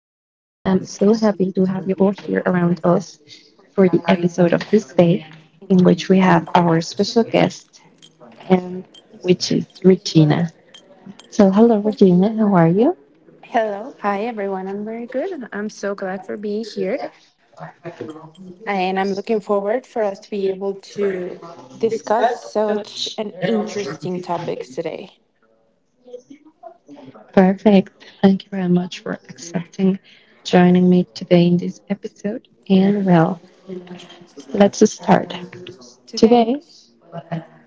so happy to have you all here around us for the episode of this day in which we have our special guest, and which is Regina. So, hello, Regina. How are you? Hello. Hi, everyone. I'm very good. I'm so glad for being here. And I'm looking forward for us to be able to discuss such an interesting topics today. Perfect. Thank you very much for accepting joining me today in this episode. And well, let's start. Today Today,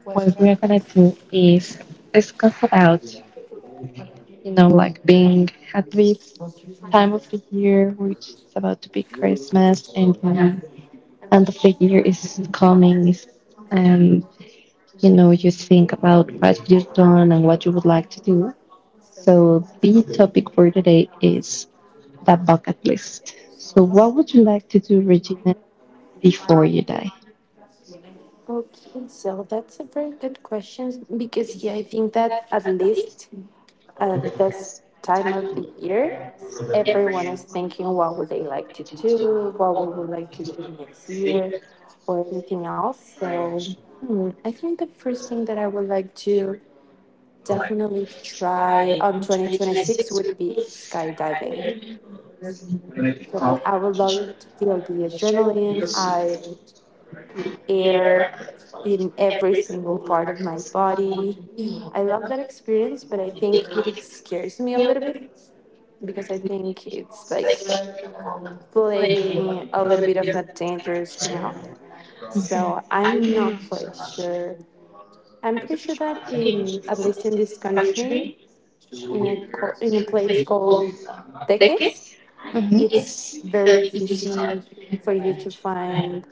was what that. we're gonna do is discuss about, like being at peace time of the year which is about to be Christmas and end of the year is coming and you think about what you've done and what you would like to do. So the topic for today is the bucket list. So what would you like to do, Regina, before you die? Okay, so that's a very good question because yeah, I think that at least at this time of the year, everyone is thinking what would they like to do, what we would like to do next year, or anything else. So I think the first thing that I would like to definitely try on 2026 would be skydiving. So I would love to feel the adrenaline, I the air in every single part of my body. I love that experience, but I think it scares me a little bit because I think it's like playing a little bit of a dangerous ground. So I'm not quite sure. I'm pretty sure that in at least in this country, in a place called Teques, Mhm. it's very easy for you to find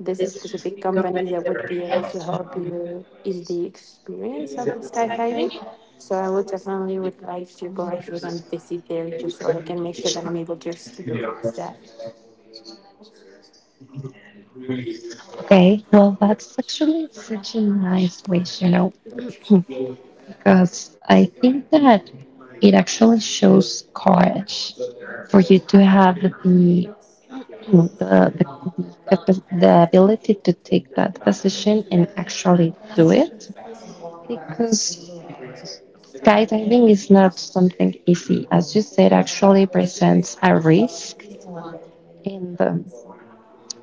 these specific companies that would be able to help you in the experience of the skydiving. So I would definitely would like to go ahead and visit there just so I can make sure that I'm able to experience that. Okay, well, that's actually such a nice wish. Because I think that it actually shows courage for you to have the the ability to take that position and actually do it because skydiving is not something easy. As you said, actually presents a risk, and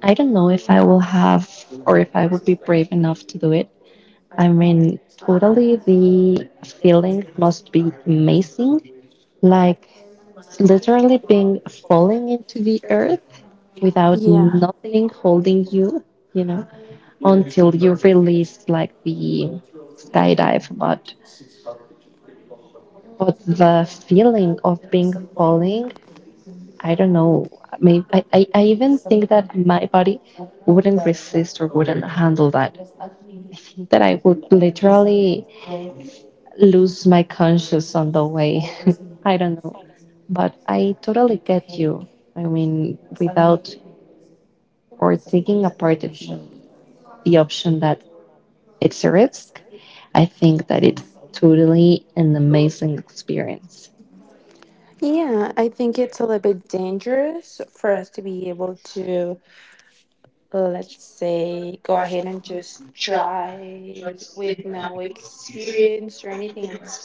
I don't know if I will have or if I would be brave enough to do it. I mean, totally, the feeling must be amazing, like literally being falling into the earth without Yeah. nothing holding you, you know, until you release like the skydive. But the feeling of being falling, I don't know. I mean, I even think that my body wouldn't resist or wouldn't handle that. I think that I would literally lose my conscious on the way. I don't know. But I totally get you. I mean, without or taking a part of the option that it's a risk, I think that it's totally an amazing experience. Yeah, I think it's a little bit dangerous for us to be able to, let's say, go ahead and just try with no experience or anything else.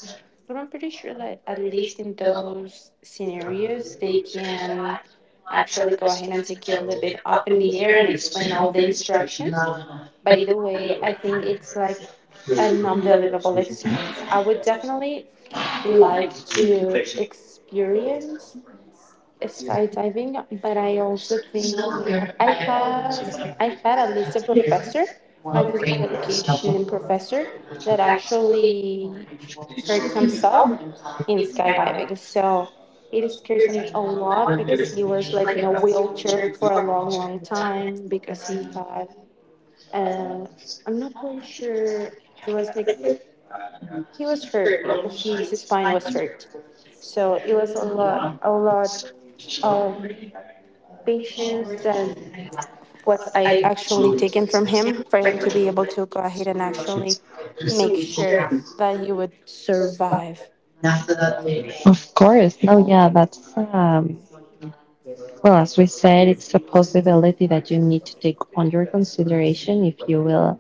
But I'm pretty sure that at least in those scenarios, they can actually go ahead and take you a little bit up in the air and explain all the instructions. But either way, I think it's like an unbelievable experience. I would definitely like to experience skydiving, but I also think I have I had at least a professor, my physical education professor, that actually hurt himself in skydiving. So it scares me a lot because he was like in a wheelchair for a long, long time because he had uh, I'm not quite sure. It was like he was hurt. His spine was hurt, so it was a lot of patience that was I actually taken from him for him to be able to go ahead and actually make sure that he would survive. Of course. No, yeah, that's, well, as we said, it's a possibility that you need to take under consideration if you will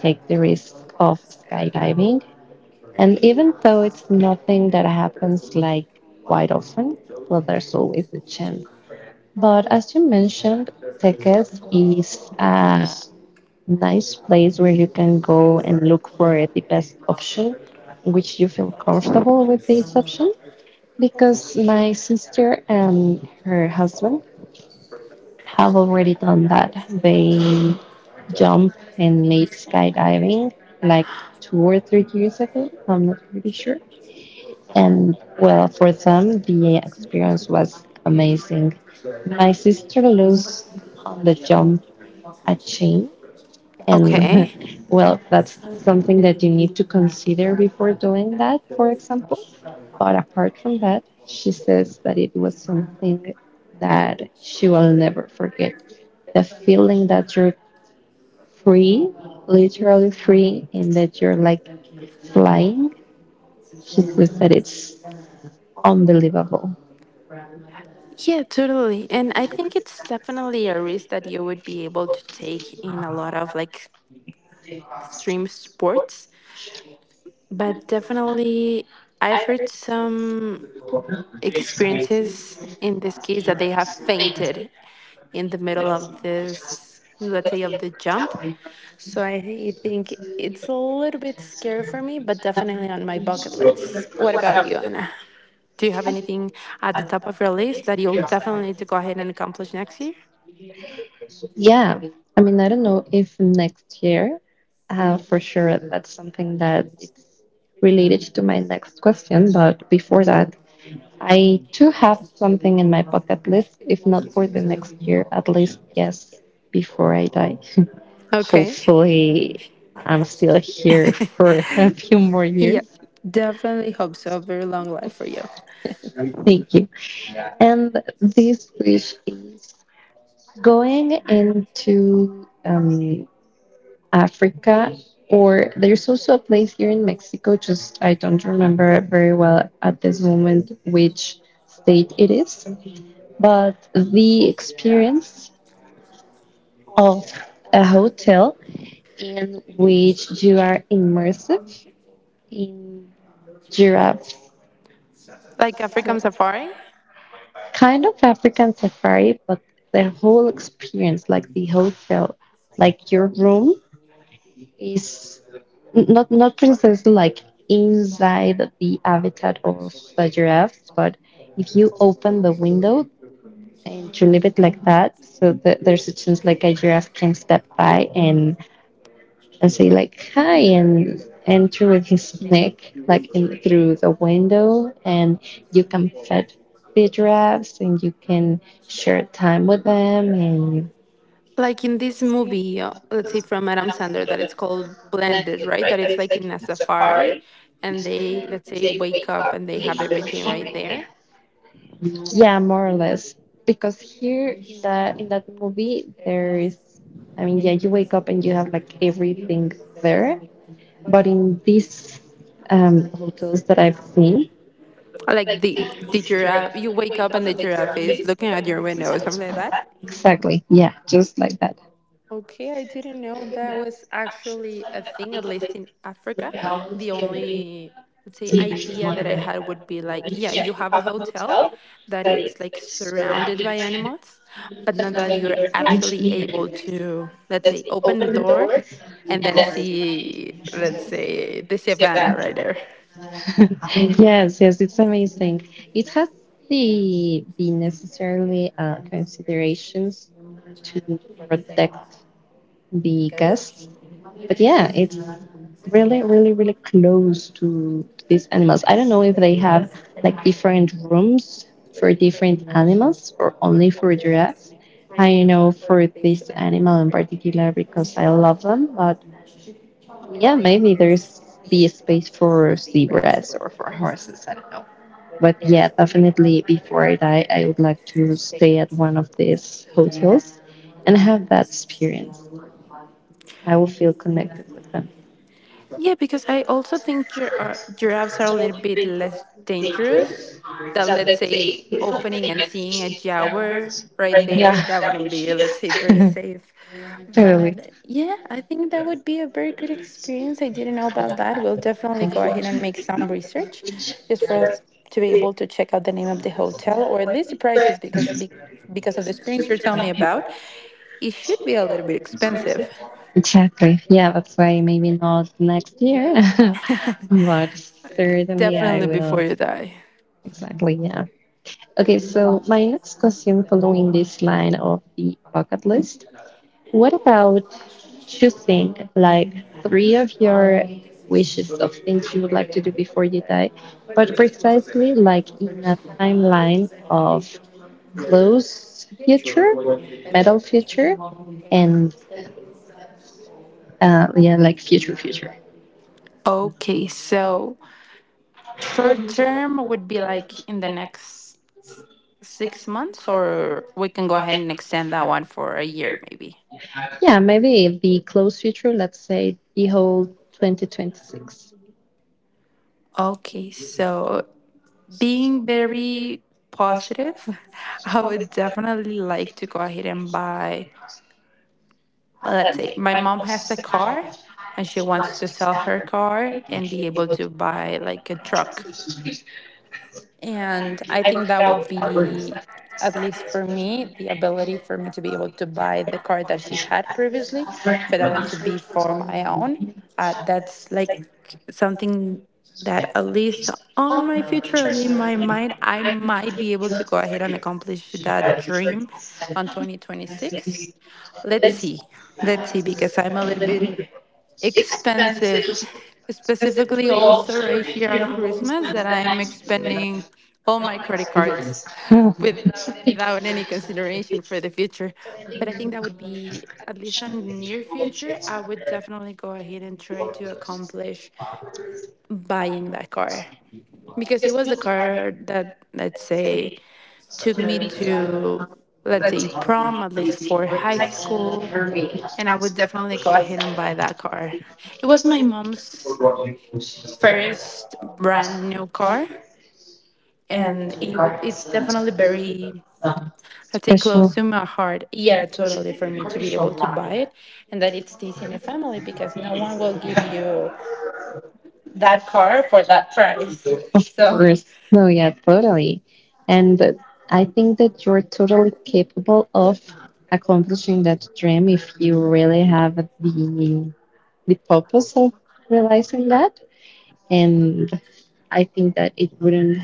take the risk of skydiving. And even though it's nothing that happens like quite often, well, there's always a chance. But as you mentioned, Teques is a nice place where you can go and look for the best option, which you feel comfortable with this option. Because my sister and her husband have already done that. They jump and made skydiving like 2 or 3 years ago. I'm not pretty sure. And well, for them, the experience was amazing. My sister lost on the jump a chain. Okay. And well, that's something that you need to consider before doing that, for example. But apart from that, she says that it was something that she will never forget. The feeling that you're free, literally free, and that you're like flying. She says that it's unbelievable. Yeah, totally. And I think it's definitely a risk that you would be able to take in a lot of like extreme sports. But definitely, I've heard some experiences in this case that they have fainted in the middle of this, let's say, of the jump. So I think it's a little bit scary for me, but definitely on my bucket list. What about you, Anna? Do you have anything at the top of your list that you'll definitely need to go ahead and accomplish next year? Yeah. I mean, I don't know if next year, for sure, that's something that related to my next question, but before that, I do have something in my bucket list, if not for the next year, at least, yes, before I die. Okay. Hopefully, I'm still here for a few more Yeah. years. Definitely hope so. Very long life for you. Thank you. And this wish is going into Africa, or there's also a place here in Mexico, just I don't remember very well at this moment which state it is, but the experience of a hotel in which you are immersive in giraffes, Like African Safari? kind of African safari, but the whole experience, like the hotel, like your room, is not precisely like inside the habitat of the giraffes, but if you open the window and you leave it like that, so that there's a chance like a giraffe can step by and say like hi and threw at his neck through the window, and you can fed the giraffes and you can share time with them and Like in this movie, let's say, from Adam Sandler, that it's called Blended, right? That it's like in a safari, and they let's say wake up and they have everything right there. yeah, more or less because here in that movie there is, I mean, yeah, you wake up and you have like everything there, but in these hotels that I've seen, Like the giraffe, you wake up and the giraffe is looking at your window or something like that. exactly, yeah, just like that. Okay, I didn't know that was actually a thing, at least in Africa. The only, let's say, idea that I had would be like, yeah, you have a hotel that it's like surrounded by animals, but not that you're actually able to, let's say, open the door and then see, let's say, the savannah right there. Yes, yes, it's amazing. It has the necessarily considerations to protect the guests. But yeah, it's really, really, really close to these animals. I don't know if they have like different rooms for different animals or only for giraffes. I know for this animal in particular because I love them, but yeah, maybe there's the space for zebras or for horses. I don't know. But yeah, definitely before I die, I would like to stay at one of these hotels and have that experience. I will feel connected with them. Yeah, because I also think giraffes are a little bit less dangerous than, let's say, opening and seeing a jaguar right Yeah. there. That wouldn't be, let's say, very safe. Totally. But yeah, I think that would be a very good experience. I didn't know about that. We'll definitely go ahead and make some research just for us to be able to check out the name of the hotel or at least the prices because of the experience you're telling me about, it should be a little bit expensive. Exactly. Yeah, that's why maybe not next year, but certainly I Definitely before will. you die. Exactly. Yeah. Okay, so my next question following this line of the bucket list. What about choosing like three of your wishes of things you would like to do before you die, but precisely like in a timeline of close future, metal future, and yeah, like future future. Okay, so short term would be like in the next 6 months, or we can go ahead and extend that one for a year maybe. Yeah, maybe the close future, let's say the whole 2026. Okay, so being very positive, I would definitely like to go ahead and buy, let's say, my mom has a car and she wants to sell her car and be able to buy like a truck. And I think that would be, at least for me, the ability for me to be able to buy the car that she had previously, for that one to be for my own. That's like something that, at least on my future, in my mind, I might be able to go ahead and accomplish that dream on 2026. Let's see. Let's see, because I'm a little bit expensive, specifically also right here on Christmas, that I'm expending all my credit cards without any consideration for the future. But I think that would be, at least on the near future, I would definitely go ahead and try to accomplish buying that car because it was the car that let's say took me to let's say prom at least for high school, and I would definitely go ahead and buy that car. It was my mom's first brand new car, and it's definitely very, I'd say, Special. close to my heart. Yeah, totally, for me to be able to buy it and that it stays in the family because no one will give you that car for that price, Of so. course. No, yeah, totally. And I think that you're totally capable of accomplishing that dream if you really have the purpose of realizing that. And I think that it wouldn't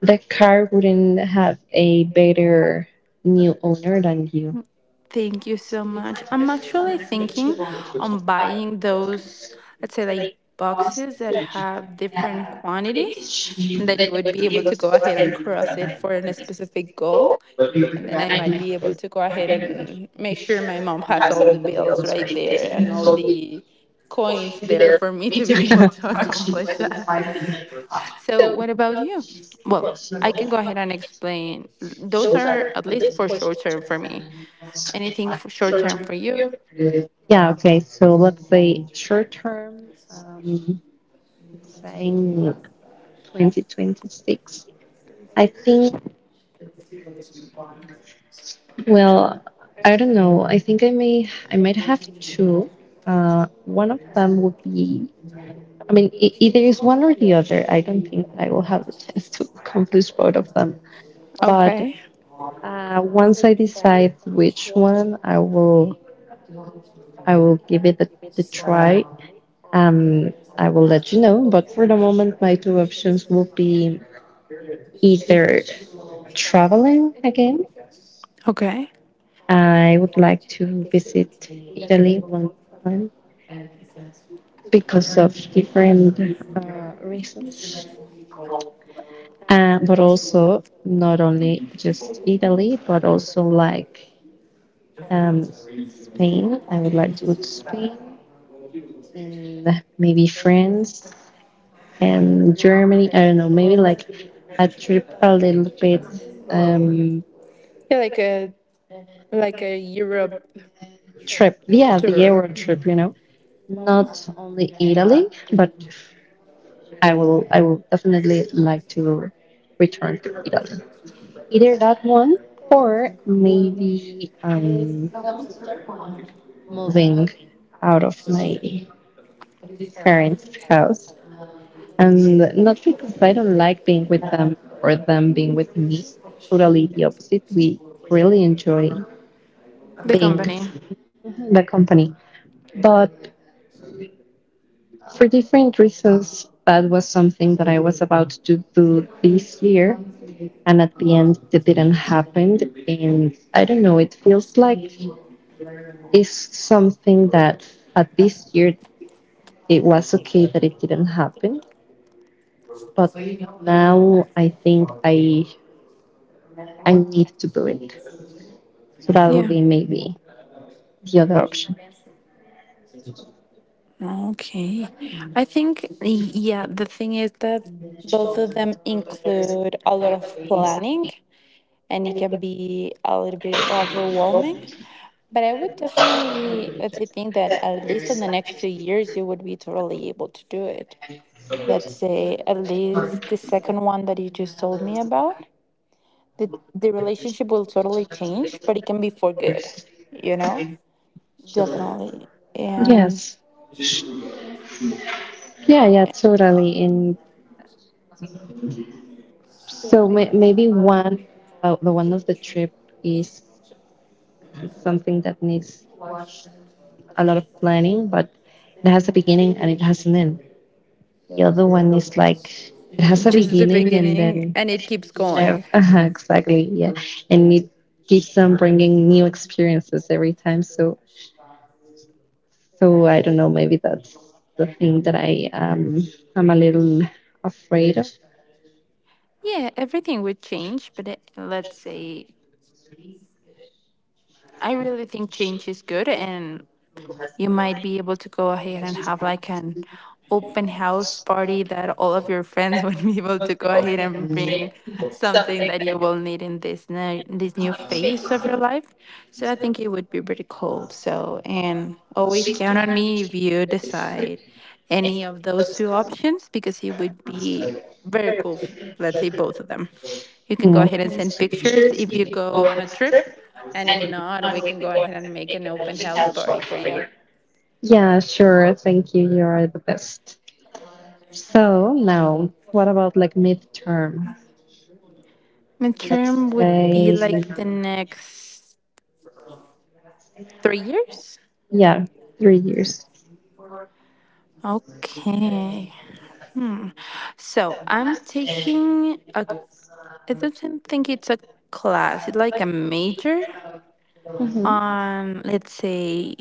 the car wouldn't have a better new owner than you. Thank you so much. I'm actually thinking on buying those, let's say, like boxes that have different quantities and that you would be able to go ahead and cross it for a specific goal. And then I might be able to go ahead and make sure my mom has all the bills right there and all the coins there for me to be able to accomplish that. So, what about you? Well, I can go ahead and explain. Those are at least for short term for me. Anything for short term for you? Yeah, okay. So let's say short term, um, saying 2026. I think. Well, I don't know. I think I might have two. One of them would be. I mean, either is one or the other. I don't think that I will have the chance to accomplish both of them. But Okay. Once I decide which one, I will give the try. I will let you know. But for the moment, my two options will be either traveling again. Okay. I would like to visit Italy one more time because of different reasons, but also not only just Italy, but also like um, Spain. I would like to go to Spain and maybe France and Germany. I don't know, maybe like a trip a little bit um Yeah, like a Europe trip, yeah, the tour. euro trip, you know, not only Italy, but I will definitely like to return to Italy. Either that one or maybe moving out of my parents' house. And not because I don't like being with them or them being with me. Totally the opposite. We really enjoy The being company. the company. But for different reasons that was something that I was about to do this year and at the end it didn't happen, and I don't know, it feels like it's something that at this year it was okay that it didn't happen, but now I think I need to do it, so that will Yeah. be maybe the other option. Okay. I think, yeah, the thing is that both of them include a lot of planning, and it can be a little bit overwhelming. But I would definitely let's say think that at least in the next 2 years you would be totally able to do it. Let's say at least the second one that you just told me about, the relationship will totally change, but it can be for good, you know? Definitely. And Yes, yeah, yeah, totally. And so maybe one, the one of the trip is something that needs a lot of planning, but it has a beginning and it has an end. The other one is like it has a just the beginning and beginning then and it keeps never, going. Exactly, yeah, and it keeps on bringing new experiences every time. So so I don't know. Maybe that's the thing that I I'm a little afraid of. Yeah, everything would change, but let's say I really think change is good and you might be able to go ahead and have like an open house party that all of your friends would be able to go ahead and bring something that you will need in this new phase of your life. So I think it would be pretty cool. So and always count on me if you decide any of those two options because it would be very cool. Let's say both of them. You can go Mm. ahead and send pictures if you go on a trip. And if not, we can go ahead and make an open house party for you. Yeah, sure. Thank you. You are the best. So now, what about like midterm? Let's Midterm would be say like the next 3 years. yeah, 3 years. Okay. So I don't think it's a class, it's like a major Mm-hmm. on, let's say,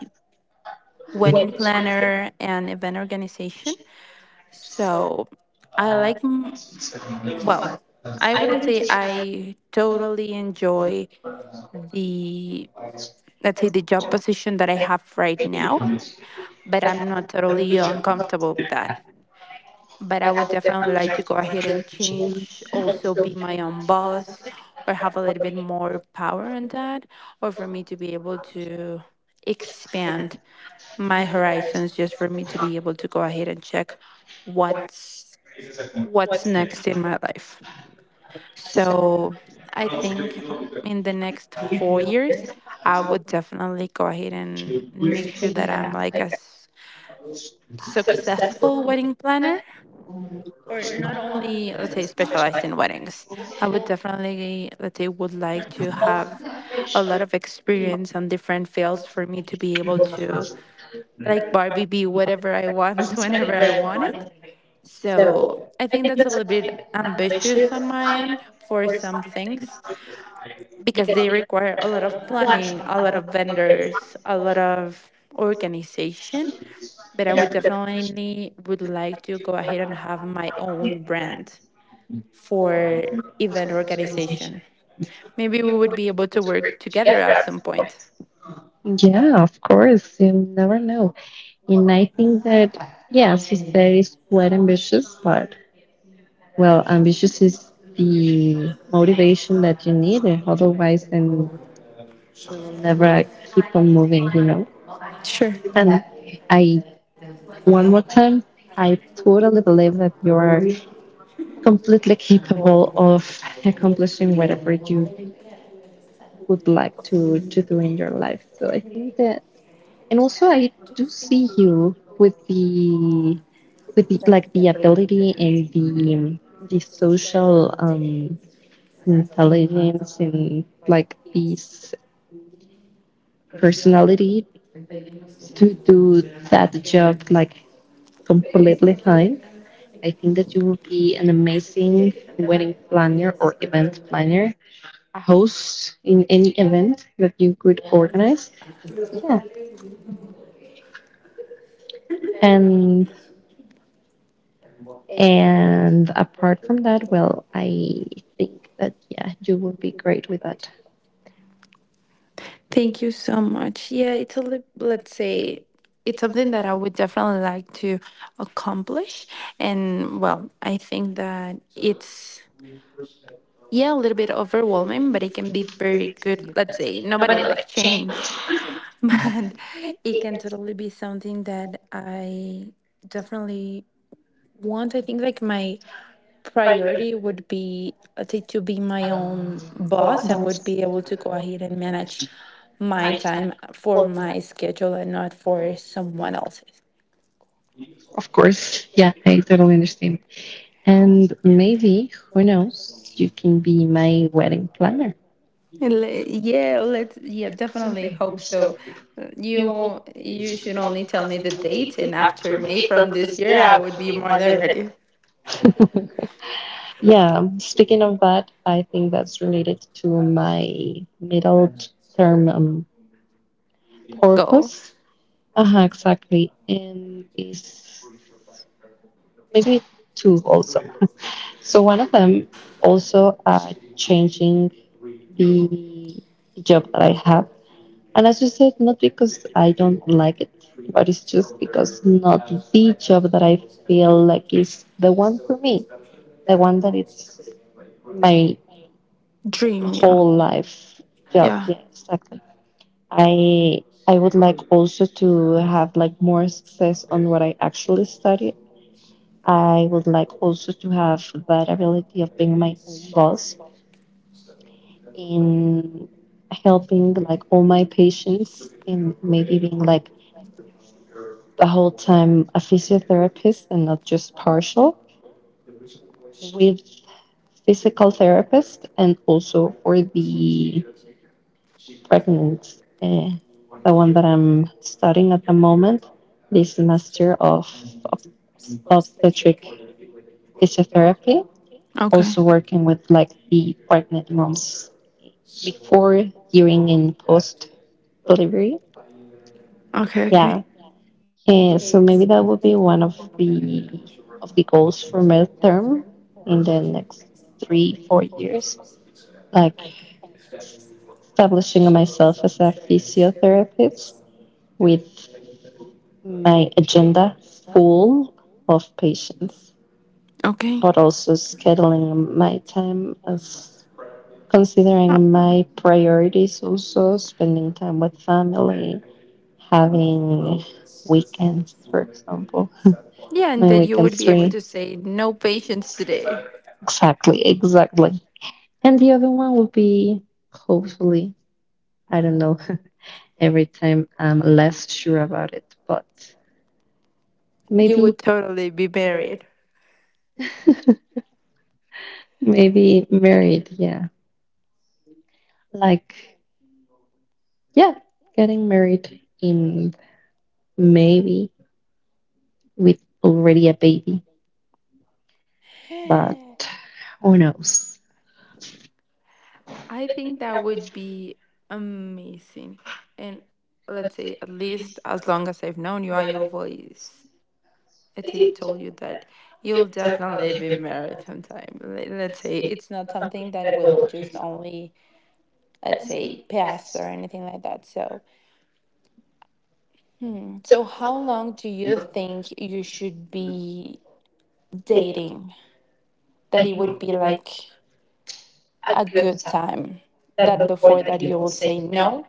wedding planner and event organization. So I like, well, I wouldn't say I totally enjoy the, let's say, the job position that I have right now, but I'm not totally uncomfortable with that. But I would definitely like to go ahead and change, also be my own boss or have a little bit more power on that, or for me to be able to expand my horizons just for me to be able to go ahead and check what's what's next in my life. So I think in the next 4 years I would definitely go ahead and make sure that I'm like successful wedding planner, or not only let's say specialized in weddings. I would definitely let's say would like to have a lot of experience on different fields for me to be able to like Barbie, be whatever I want whenever I want it. So I think that's a little bit ambitious on my end for some things because they require a lot of planning, a lot of vendors, a lot of organization. But I would definitely would like to go ahead and have my own brand for event organization. Maybe we would be able to work together at some point. Yeah, of course. You never know. And I think that, yes, you said it's quite ambitious, but well, ambitious is the motivation that you need. And otherwise, then you'll never keep on moving, you know? Sure. And I, one more time, I totally believe that you are completely capable of accomplishing whatever you would like to do in your life. So I think that, and also I do see you with like the ability and the social intelligence and like this personality to do that job like completely fine. I think that you will be an amazing wedding planner or event planner, a host in any event that you could organize. Yeah, and and apart from that, well, I think that yeah, you will be great with that. Thank you so much. Yeah, it's a let's say it's something that I would definitely like to accomplish, and well, I think that it's yeah a little bit overwhelming, but it can be very good. Let's say nobody like change, but it can totally be something that I definitely want. I think like my priority would be to be my own boss and would Boss. be able to go ahead and manage my time for my schedule and not for someone else's. Of course. Yeah, I totally understand. And maybe, who knows, you can be my wedding planner. Yeah, yeah, definitely hope so. You should only tell me the date, and after May from this year, I would be more than ready. Yeah, speaking of that, I think that's related to my middle term Goal, purpose. Uh-huh, exactly. And is maybe two also. So one of them also changing the the job that I have. And as you said, not because I don't like it, but it's just because not the job that I feel like is the one for me, the one that it's my dream, yeah, whole life job. yeah. Yeah, exactly. I I would like also to have like more success on what I actually study. I would like also to have that ability of being my own boss in helping like all my patients in maybe being like the whole time a physiotherapist and not just partial with physical therapist and also for the pregnant uh, the one that I'm studying at the moment this semester of obstetric physiotherapy, Okay, also working with like the pregnant moms before, during and post delivery, okay, yeah. okay, And so maybe that would be one of the goals for my term in the next three, 4 years, like establishing myself as a physiotherapist with my agenda full of patients, okay. but also scheduling my time as Uh, considering my priorities, also spending time with family, having weekends for example, yeah, and my that you would weekends be able free. to say, no patience today. Exactly, exactly. And the other one will be, hopefully, I don't know, every time I'm less sure about it, but You maybe, would totally be married. maybe married, yeah. Like, yeah, getting married in maybe with already a baby, but who knows? I think that would be amazing. And let's say, at least as long as I've known you, I always Ati told you that you'll definitely be married sometime. Let's say it's not something that will just only, let's say, pass or anything like that. So. So, how long do you think you should be dating that it would be like a good time? That before that you will say no,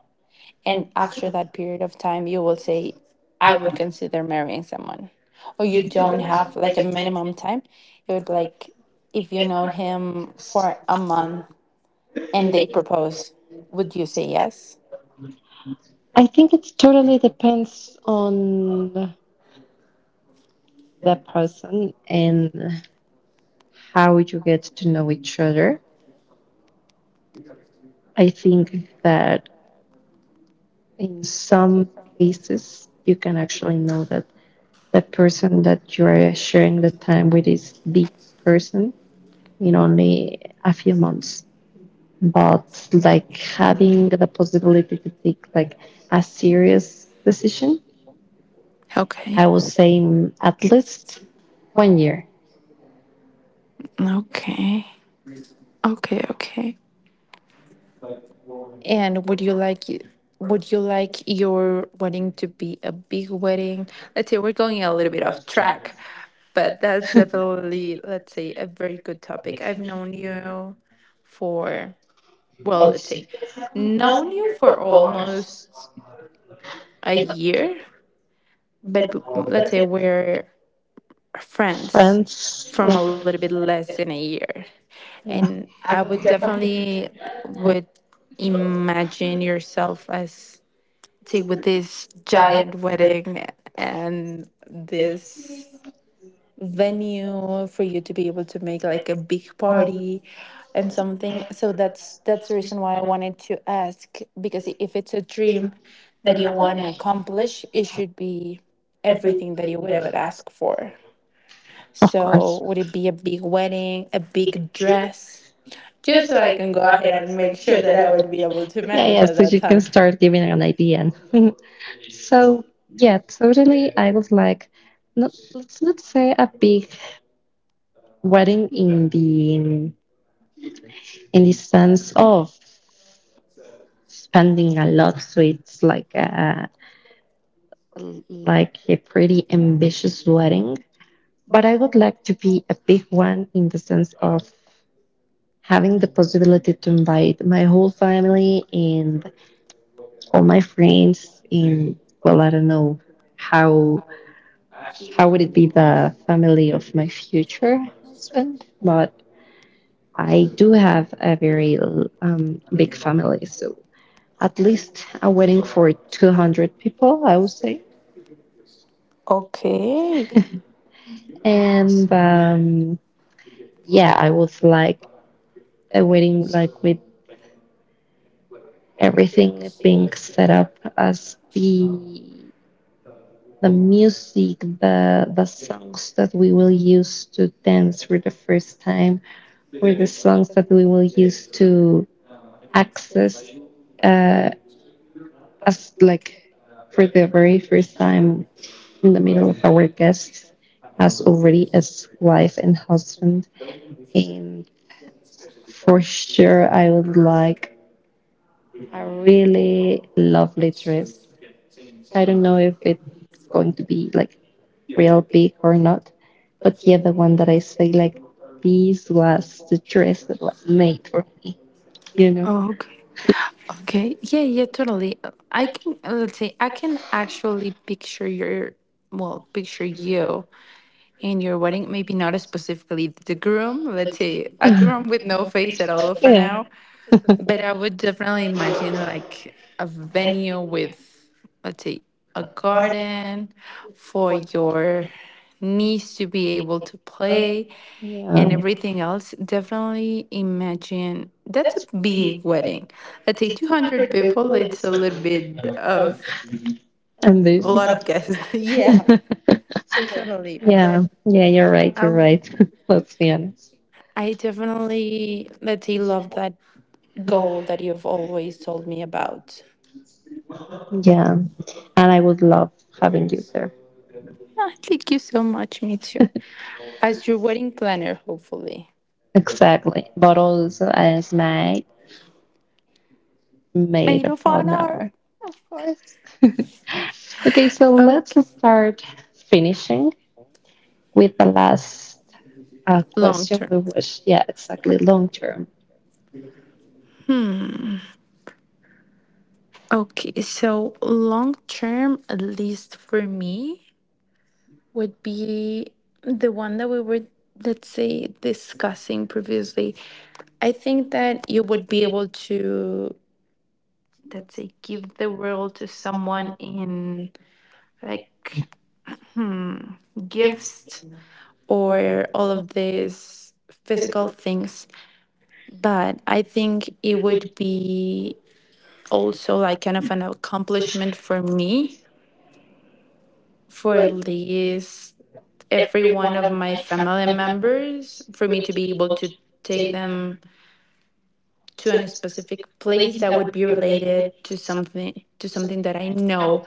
and after that period of time, you will say, I would consider marrying someone. Or you don't have like a minimum time. It would be like, if you know him for a month and they propose, would you say yes? I think it totally depends on the person and how you get to know each other. I think that in some cases you can actually know that the person that you're sharing the time with is the person in only a few months, but like having the possibility to take like a serious decision, Okay. I would say mm, at least 1 year. Okay. Okay. Okay. And would you like your wedding to be a big wedding? Let's say we're going a little bit off track, but that's definitely, let's say, a very good topic. I've known you for, well, let's say, known you for almost a year, but let's say we're friends Friends from like, a little bit less than a year. yeah, And I would definitely would imagine yourself as see with this giant wedding and this venue for you to be able to make like a big party and something, so that's the reason why I wanted to ask, because if it's a dream that you want to accomplish, it should be everything that you would ever ask for. of So course. would it be a big wedding, a big dress, just so I can go ahead and make sure that I would be able to Yeah, manage yeah, at so that you can time? start giving an idea. So, yeah, totally. I was like, not, let's not say a big wedding in the sense of spending a lot. So it's like a pretty ambitious wedding, but I would like to be a big one in the sense of having the possibility to invite my whole family and all my friends and, well, I don't know how how would it be the family of my future husband, but I do have a very big family. So at least a wedding for 200 people, I would say. Okay, And yeah, I would like a wedding like with everything being set up as the music, the songs that we will use to dance for the first time, were the songs that we will use to access uh, as like for the very first time in the middle of our guests as already as wife and husband. And for sure I would like a really lovely dress. I don't know if it's going to be like real big or not. But yeah, the one that I say like this was the dress that was made for me, you know. okay. Okay. Yeah, yeah, totally. I can, let's say, I can actually picture your, well, picture you in your wedding, maybe not specifically the groom, let's say a groom with no face at all for Yeah, now, but I would definitely imagine like a venue with, let's say, a garden for your niece to be able to play and yeah, everything else. Definitely imagine that's a big wedding. Let's say 200 people, it's a little bit of and this. a lot of guests. Yeah, totally. But. Yeah, yeah, you're right. I'll. You're right. Let's be honest. I definitely, let's say, love that goal that you've always told me about. Yeah, and I would love having you there. Ah, thank you so much. Me too. As your wedding planner, hopefully. Exactly, but also as my maid Maid of of honor. honor. Of course. Okay, so let's Okay. start finishing with the last a Long question term. we wish, yeah, exactly, long term. Okay, so long term, at least for me, would be the one that we were, let's say, discussing previously. I think that you would be able to, let's say, give the world to someone in like gifts or all of these physical things. But I think it would be also like kind of an accomplishment for me, for at least every one of my family members, for me to be able to take them to a specific place that would be related to something that I know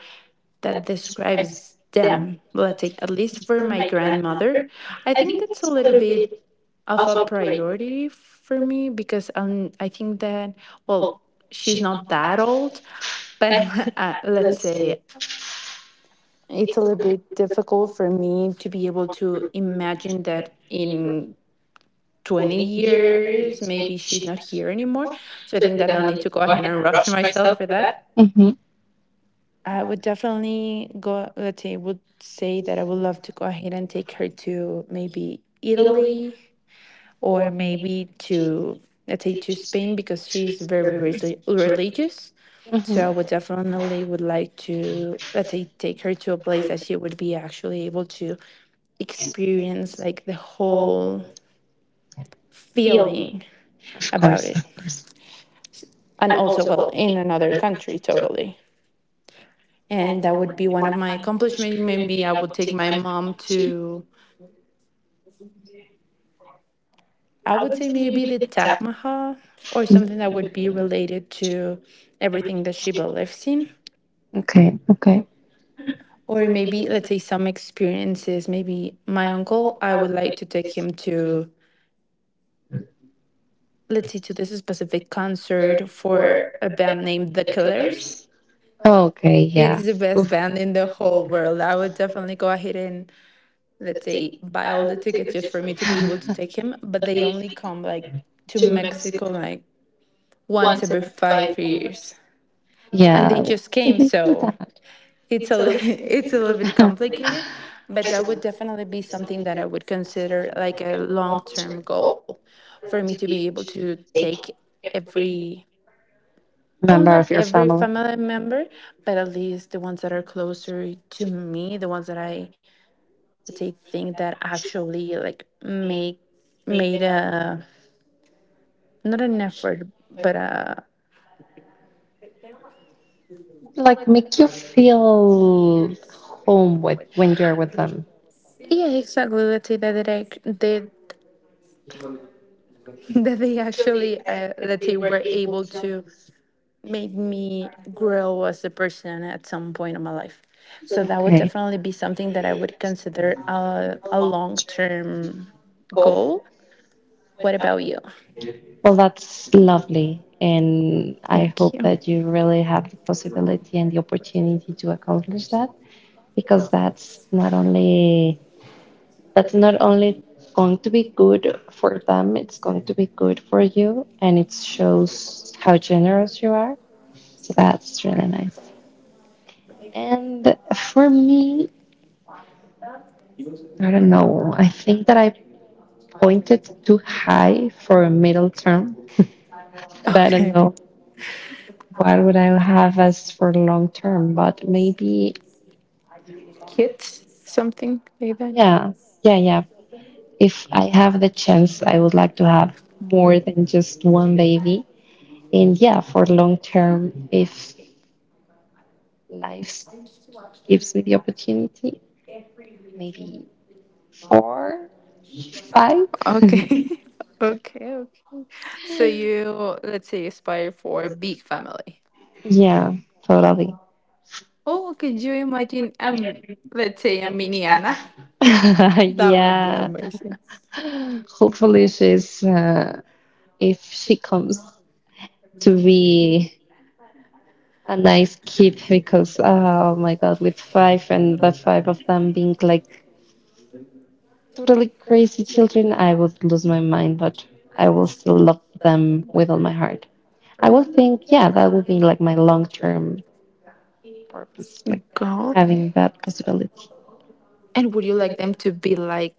that describes them. Let's take at least for my grandmother. I think that's a little bit of a priority for me because I think that, well, she's not that old, but let's say it's a little bit difficult for me to be able to imagine that in 20 years, maybe she's not here anymore. So I think that I'll need to go ahead and rush myself for that. Mm-hmm. I would definitely go, let's say, would say that I would love to go ahead and take her to maybe Italy or maybe to, let's say, to Spain, because she's very religious. So I would Mm-hmm. definitely would like to, let's say, take her to a place that she would be actually able to experience like the whole feeling Of about course. it, and also, well, in another country totally. And that would be one of my accomplishments. Maybe I would take my mom to, I would say maybe the Taj Mahal, or something that would be related to everything that she believes in. Okay. Okay. Or maybe, let's say, some experiences. Maybe my uncle, I would like to take him to, let's say, to this specific concert for a band named The Killers. Oh, okay, yeah. It's the best Oof. band in the whole world. I would definitely go ahead and, let's say, buy all the tickets just for me to be able to take him. But they only come like to Mexico like once every 5 years. And they Yeah. just Can came, we do so that? it's a it's a little bit complicated, but that would definitely be something that I would consider like a long-term goal for me to be able to take every, well, Member not of your every family. family member, but at least the ones that are closer to me, the ones that I would say think that actually like make made a not an effort but Like make you feel home with when you're with them. yeah exactly. Let's say that they they that they actually let's say were able to made me grow as a person at some point in my life. So that would Okay. definitely be something that I would consider a long term goal. What about you? Well, that's lovely. And I Thank hope you. that you really have the possibility and the opportunity to accomplish that, because that's not only going to be good for them, it's going to be good for you and it shows how generous you are. So that's really nice. And for me, I don't know. I think that I pointed too high for a middle term. But I don't Okay. know what would I have as for long term, but maybe Kids, something like that? yeah, yeah. If I have the chance, I would like to have more than just one baby. And yeah, for long term, if life gives me the opportunity, maybe four, five. Okay. Okay. Okay. So you, let's say, aspire for a big family. Yeah, totally. Oh, could you imagine? Let's say a mini Anna. That would be Yeah. amazing. Hopefully she's if she comes to be a nice kid, because oh my god, with five and the five of them being like totally crazy children, I would lose my mind, but I will still love them with all my heart. I would think, yeah, that would be like my long term purpose, like Girl, having that possibility. and would you like them to be like,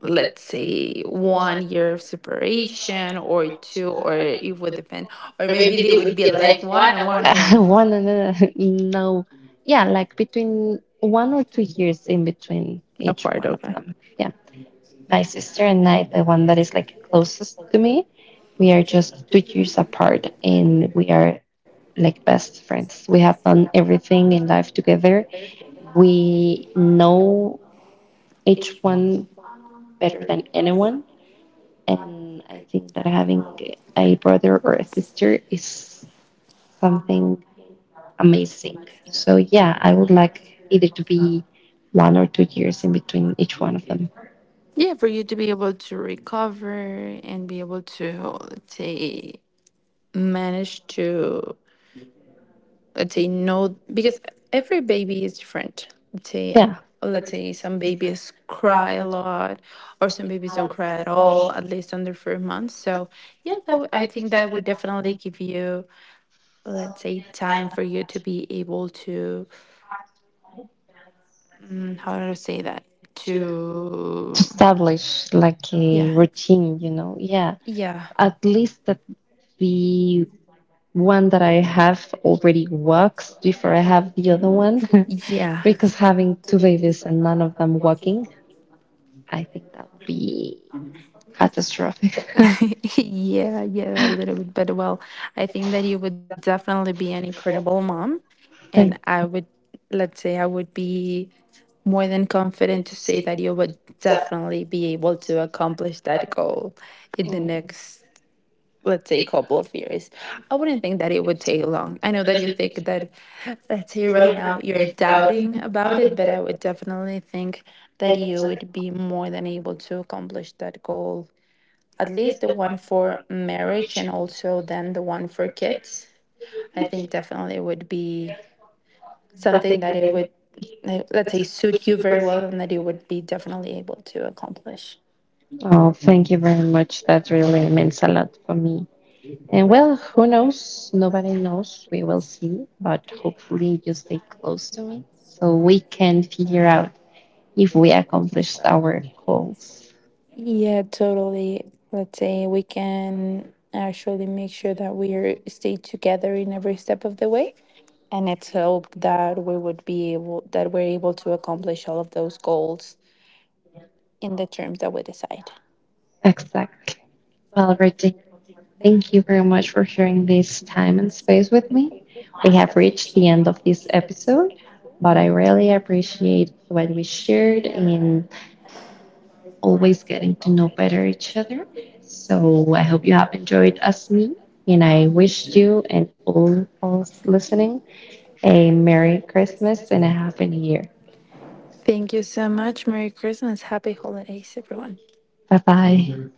let's say, 1 year of separation or two, or it would depend, or maybe they would be like one One. and one and one One and another, no, yeah, like between 1 or 2 years in between each apart. one of Okay. them. Yeah. My sister and I, the one that is like closest to me, we are just 2 years apart and we are like best friends. We have done everything in life together. We know each one better than anyone. And I think that having a brother or a sister is something amazing. So, yeah, I would like either to be 1 or 2 years in between each one of them. Yeah, for you to be able to recover and be able to, let's say, manage to. Let's say no, because every baby is different, let's say, Yeah. let's say some babies cry a lot or some babies don't cry at all at least under 4 months. So yeah, that would, I think that would definitely give you, let's say, time for you to be able to, how do I say that, To to establish like yeah, a routine, you know. Yeah, yeah. at least that the one that I have already works before I have the other one, Yeah. because having It's two babies and none of them working, I think that would be catastrophic. yeah, yeah, a little bit. But well, I think that you would definitely be an incredible mom. And Thank- I would, let's say, I would be more than confident to say that you would definitely be able to accomplish that goal in the Mm. next, let's say, a couple of years. I wouldn't think that it would take long. I know that you think that, let's say, right now you're doubting about it, but I would definitely think that you would be more than able to accomplish that goal. At least the one for marriage and also then the one for kids, I think definitely would be something that it would like, let's say, suit you very well, and that you would be definitely able to accomplish. Oh, thank you very much. That really means a lot for me. And well, who knows? Nobody knows. We will see. But hopefully, you stay close to me so we can figure out if we accomplished our goals. Yeah, totally. Let's say we can actually make sure that we are stay together in every step of the way. And it's hope that we would be able that we're able to accomplish all of those goals in the terms that we decide. Exactly. Well, Regina, thank you very much for sharing this time and space with me. We have reached the end of this episode, but I really appreciate what we shared and always getting to know better each other. So I hope you have enjoyed us me, and I wish you and all us listening a Merry Christmas and a Happy New Year. Thank you so much. Merry Christmas. Happy holidays, everyone. Bye bye.